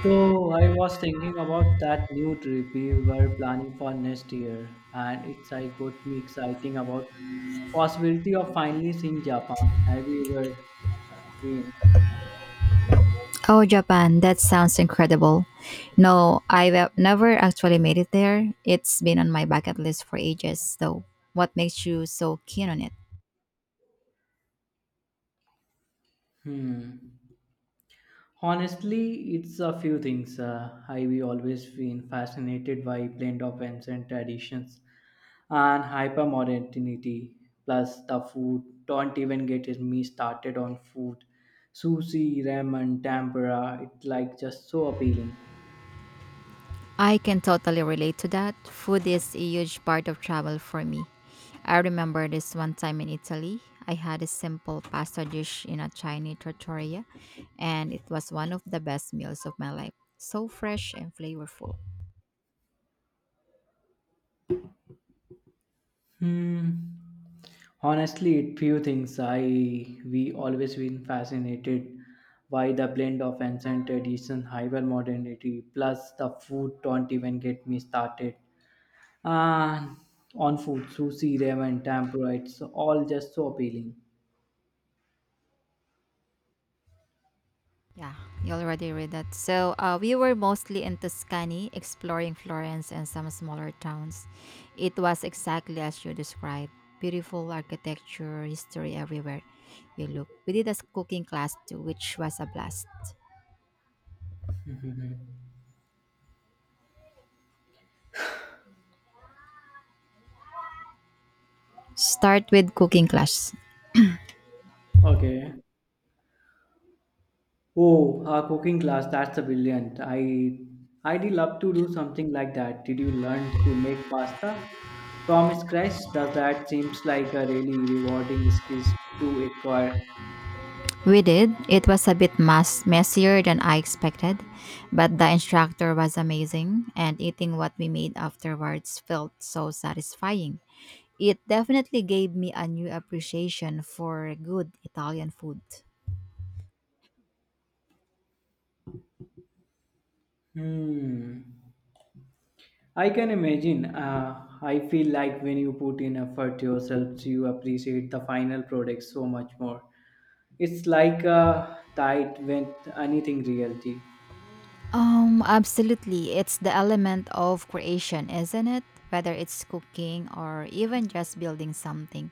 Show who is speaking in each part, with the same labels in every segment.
Speaker 1: So I was thinking about that new trip we were planning for next year, and it's I got me exciting about possibility of finally seeing Japan. Have you ever been?
Speaker 2: Oh, Japan, that sounds incredible. No, I've never actually made it there. It's been on my bucket list for ages, though. What makes you so keen on it?
Speaker 1: Hmm. Honestly, it's a few things. I've always been fascinated by blend of ancient traditions and hypermodernity. Plus the food. Don't even get me started on food. Sushi, ramen, tempura. It's like just so appealing.
Speaker 2: I can totally relate to that. Food is a huge part of travel for me. I remember this one time in Italy. I had a simple pasta dish in a Chinese trattoria, and it was one of the best meals of my life. So fresh and flavorful.
Speaker 1: Hmm. Honestly, it few things. I we always been fascinated by the blend of ancient tradition, hyper modernity, plus the food. Don't even get me started. Ah, on food, sushi, ramen, tempura. It's all just so appealing.
Speaker 2: Yeah, you already read that. So we were mostly in Tuscany, exploring Florence and some smaller towns. It was exactly as you described beautiful architecture, history everywhere you look. We did a cooking class too, which was a blast. Start with cooking class.
Speaker 1: Okay. Oh, a cooking class, that's a brilliant. I'd love to do something like that. Did you learn to make pasta from scratch? Does that seems like a really rewarding skill to acquire?
Speaker 2: We did. It was a bit messier than I expected, but the instructor was amazing, and eating what we made afterwards felt so satisfying. It definitely gave me a new appreciation for good Italian food.
Speaker 1: Hmm. I can imagine. I feel like when you put in effort yourself, you appreciate the final product so much more. It's like a diet with anything reality.
Speaker 2: Absolutely. It's the element of creation, isn't it? Whether it's cooking or even just building something.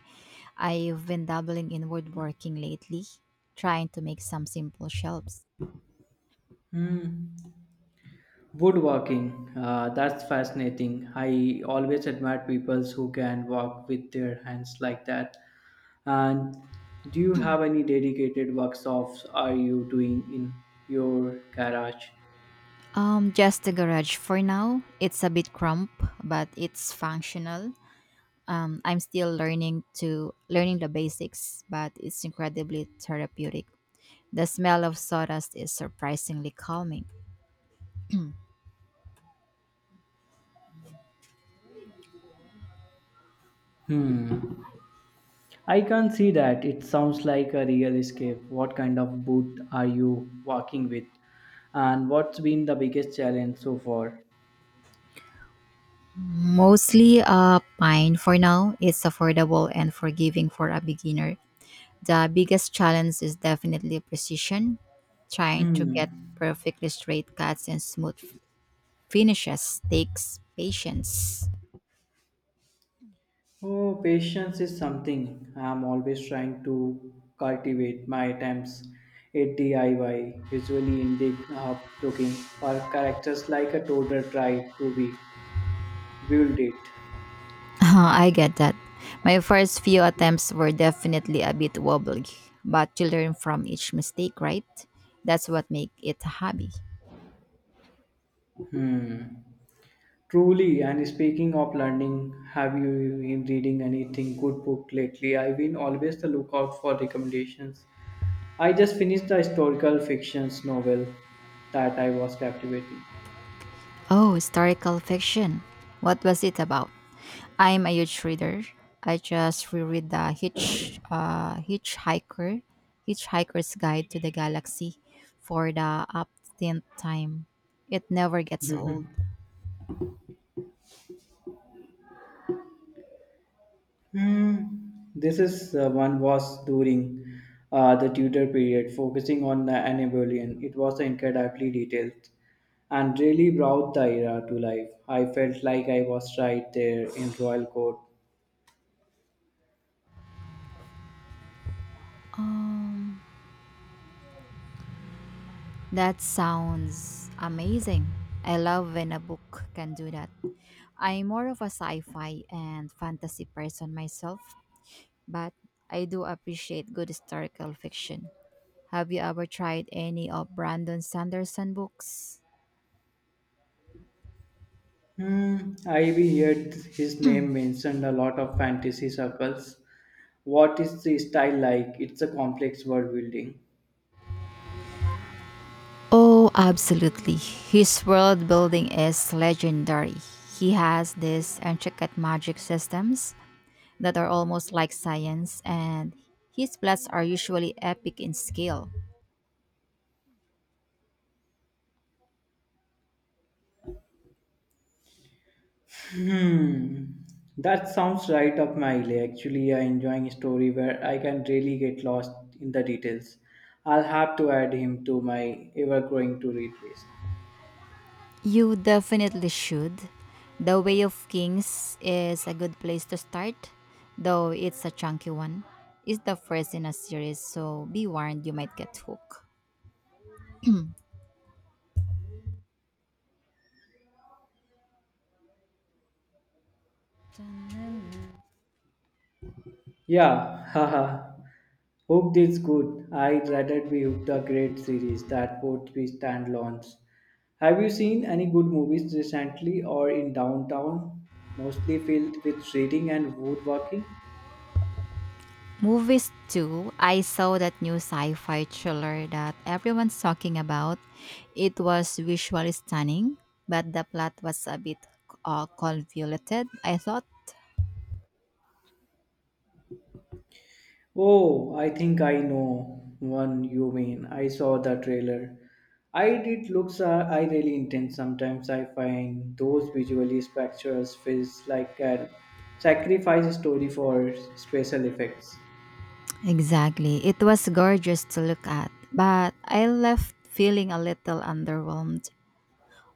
Speaker 2: I've been dabbling in woodworking lately, trying to make some simple shelves.
Speaker 1: Woodworking, that's fascinating. I always admire people who can walk with their hands like that. And do you have any dedicated workshops are you doing in your garage?
Speaker 2: Just the garage for now. It's a bit crump, but it's functional. I'm still learning the basics, but it's incredibly therapeutic. The smell of sawdust is surprisingly calming.
Speaker 1: Hmm. I can see that. It sounds like a real escape. What kind of boot are you working with? And what's been the biggest challenge so far?
Speaker 2: Mostly pine for now. It's affordable and forgiving for a beginner. The biggest challenge is definitely precision. Trying to get
Speaker 1: Hmm.
Speaker 2: perfectly straight cuts and smooth finishes takes patience.
Speaker 1: Oh, patience is something I'm always trying to cultivate. My attempts at DIY usually end up looking for characters like a toddler try to be build it.
Speaker 2: I get that. My first few attempts were definitely a bit wobbly, but you learn from each mistake, right? That's what makes it a hobby.
Speaker 1: Hmm. Truly, and speaking of learning, have you been reading anything good book lately? I've been always the lookout for recommendations. I just finished the historical fictions novel that I was captivating.
Speaker 2: Oh, historical fiction. What was it about? I'm a huge reader. I just reread the Hitchhiker's Guide to the Galaxy for the uptenth time. It never gets old.
Speaker 1: Hmm, This is one was during the Tudor period, focusing on the Anatolian. It was incredibly detailed and really brought the era to life. I felt like I was right there in royal court.
Speaker 2: Um, that sounds amazing. I love when a book can do that. I'm more of a sci-fi and fantasy person myself, but I do appreciate good historical fiction. Have you ever tried any of Brandon Sanderson books?
Speaker 1: Hmm, I we heard his name mentioned a lot of fantasy circles. What is the style like? It's a complex world building.
Speaker 2: Oh, absolutely. His world building is legendary. He has these intricate magic systems that are almost like science, and his plots are usually epic in scale.
Speaker 1: Hmm, that sounds right up my alley. Actually, I enjoying a story where I can really get lost in the details. I'll have to add him to my ever-growing to-read list.
Speaker 2: You definitely should. The Way of Kings is a good place to start, though it's a chunky one. It's the first in a series, so be warned you might get hooked.
Speaker 1: Yeah, haha. Hooked is good. I'd rather be hooked a great series that both be standalones. Have you seen any good movies recently or in downtown? Mostly filled with reading and woodworking.
Speaker 2: Movies too. I saw that new sci-fi thriller that everyone's talking about. It was visually stunning, but the plot was a bit convoluted. I thought
Speaker 1: Oh, I think I know one you mean. I saw the trailer. I did looks are I really intense. Sometimes I find those visually spectacles feels like a sacrifice story for special effects.
Speaker 2: exactly. It was gorgeous to look at, but I left feeling a little underwhelmed.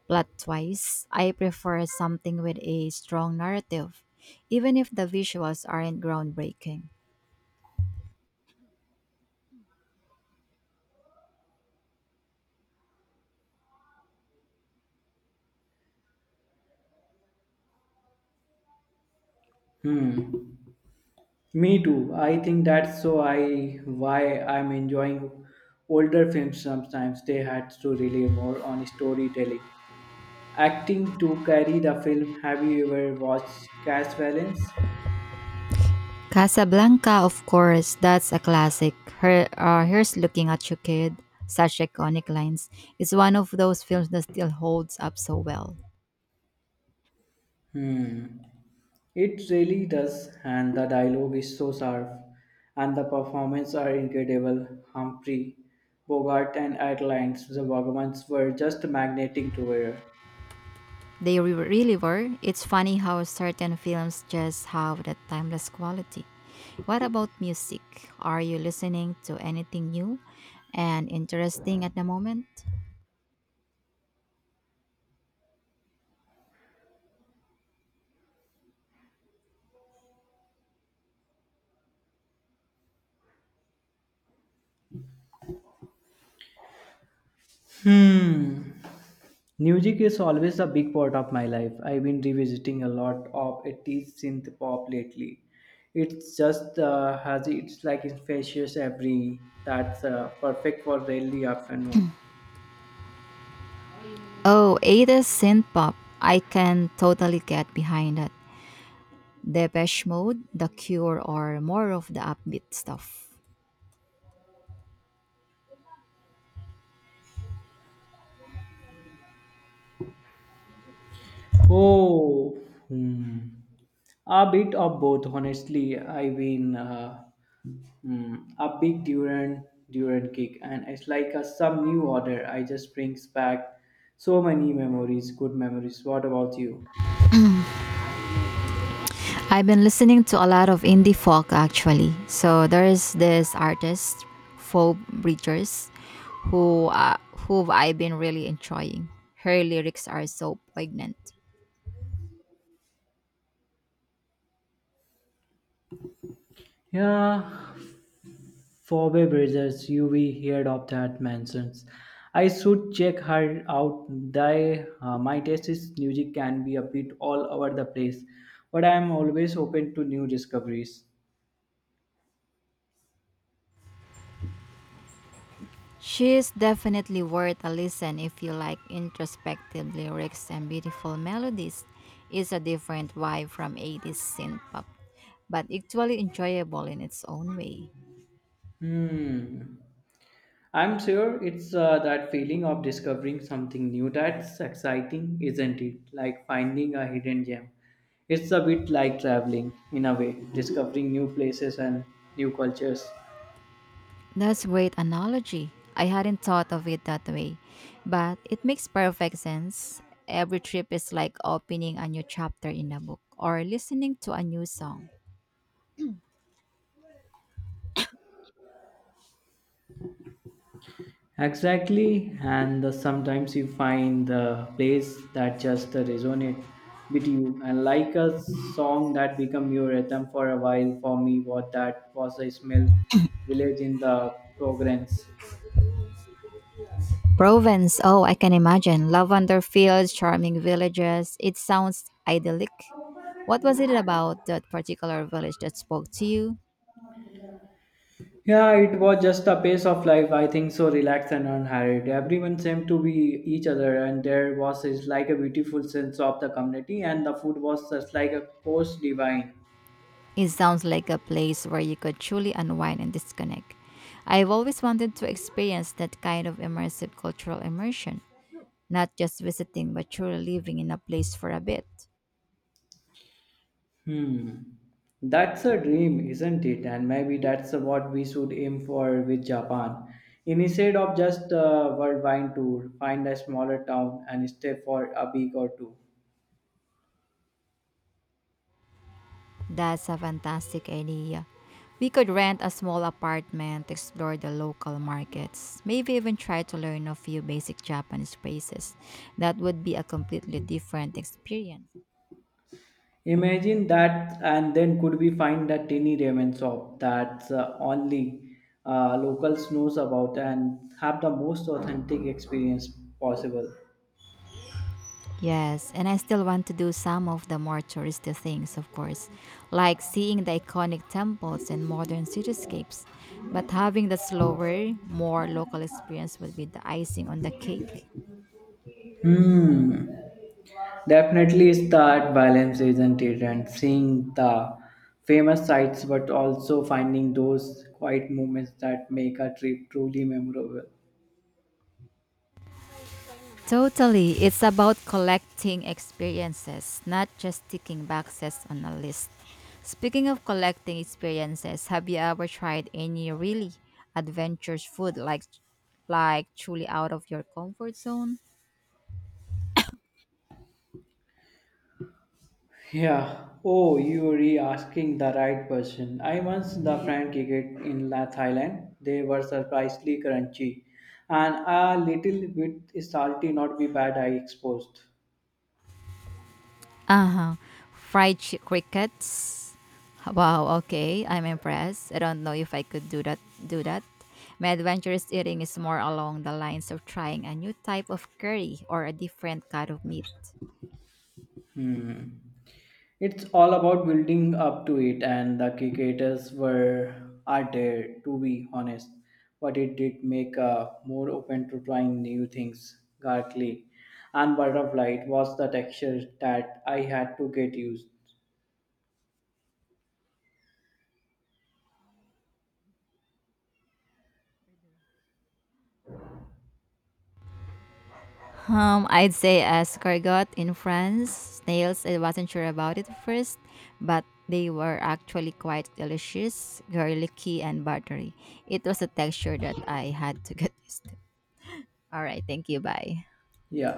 Speaker 2: Plot wise, I prefer something with a strong narrative, even if the visuals aren't groundbreaking.
Speaker 1: Hmm. Me too. I think that's so I why I'm enjoying older films sometimes they had to rely more on storytelling. Acting to carry the film. Have you ever watched Cash Valence?
Speaker 2: Casablanca, of course, that's a classic. Her, here's looking at you, kid. Such iconic lines. It's one of those films that still holds up so well.
Speaker 1: Hmm. It really does, and the dialogue is so sharp, and the performances are incredible. Humphrey Bogart and Adelines, the Vagamans were just magnetic together.
Speaker 2: They really were. It's funny how certain films just have that timeless quality. What about music? Are you listening to anything new and interesting at the moment?
Speaker 1: Hmm. Music is always a big part of my life. I've been revisiting a lot of 80s synth pop lately. It's just has it's like infectious every that's perfect for early afternoon.
Speaker 2: Oh, 80s synth pop. I can totally get behind that. Depeche Mode, The Cure, or more of the upbeat stuff.
Speaker 1: Oh, hmm. A bit of both, honestly. I mean, a big Durant kick, and it's like a some new order. I just brings back so many memories, good memories. What about you?
Speaker 2: I've been listening to a lot of indie folk actually. So there is this artist, Phoebe Bridgers, who uh, who I've been really enjoying. Her lyrics are so poignant.
Speaker 1: Yeah, Forbes Bridges, you we heard of that mentions. I should check her out. Thy, my taste is music can be a bit all over the place, but I am always open to new discoveries.
Speaker 2: She is definitely worth a listen if you like introspective lyrics and beautiful melodies. It's a different vibe from 80s synth pop, but equally enjoyable in its own way.
Speaker 1: Hmm. I'm sure it's that feeling of discovering something new that's exciting, isn't it? Like finding a hidden gem. It's a bit like traveling, in a way, discovering new places and new cultures.
Speaker 2: That's a great analogy. I hadn't thought of it that way, but it makes perfect sense. Every trip is like opening a new chapter in a book or listening to a new song.
Speaker 1: Exactly, sometimes you find the place that just resonate with you, and like a song that become your anthem for a while. For me, what that was a smell village in the Provence.
Speaker 2: Provence, oh, I can imagine. Lavender fields, charming villages. It sounds idyllic. What was it about that particular village that spoke to you?
Speaker 1: Yeah, it was just a pace of life. I think so relaxed and unhurried. Everyone seemed to be each other, and there was is like a beautiful sense of the community, and the food was just like a course divine.
Speaker 2: It sounds like a place where you could truly unwind and disconnect. I've always wanted to experience that kind of immersive cultural immersion. Not just visiting, but truly living in a place for a bit.
Speaker 1: Hmm, that's a dream, isn't it? And maybe that's what we should aim for with Japan. Instead of just a worldwide tour, find a smaller town and stay for a week or two.
Speaker 2: That's a fantastic idea. We could rent a small apartment, explore the local markets, maybe even try to learn a few basic Japanese phrases. That would be a completely different experience.
Speaker 1: Imagine that, and then could we find that tiny ramen shop that only locals knows about and have the most authentic experience possible.
Speaker 2: Yes, and I still want to do some of the more touristy things, of course, like seeing the iconic temples and modern cityscapes. But having the slower, more local experience would be the icing on the cake.
Speaker 1: Hmm. Definitely, it's that balance, isn't it? And seeing the famous sites, but also finding those quiet moments that make a trip truly memorable.
Speaker 2: Totally. It's about collecting experiences, not just ticking boxes on a list. Speaking of collecting experiences, have you ever tried any really adventurous food like truly out of your comfort zone?
Speaker 1: Yeah. Oh, you are asking the right person. I once the fried cricket in Thailand. They were surprisingly crunchy and a little bit salty, not be bad, I exposed.
Speaker 2: Uh-huh. Fried crickets. Wow, okay. I'm impressed. I don't know if I could do that. My adventurous eating is more along the lines of trying a new type of curry or a different kind of meat.
Speaker 1: It's all about building up to it, and the cricketers were are there, to be honest. But it did make more open to trying new things, garlic and butterfly. It was the texture that I had to get used.
Speaker 2: I'd say escargot in France. Snails, I wasn't sure about it at first, but they were actually quite delicious, garlicky, and buttery. It was a texture that I had to get used to. All right, thank you. Bye.
Speaker 1: Yeah.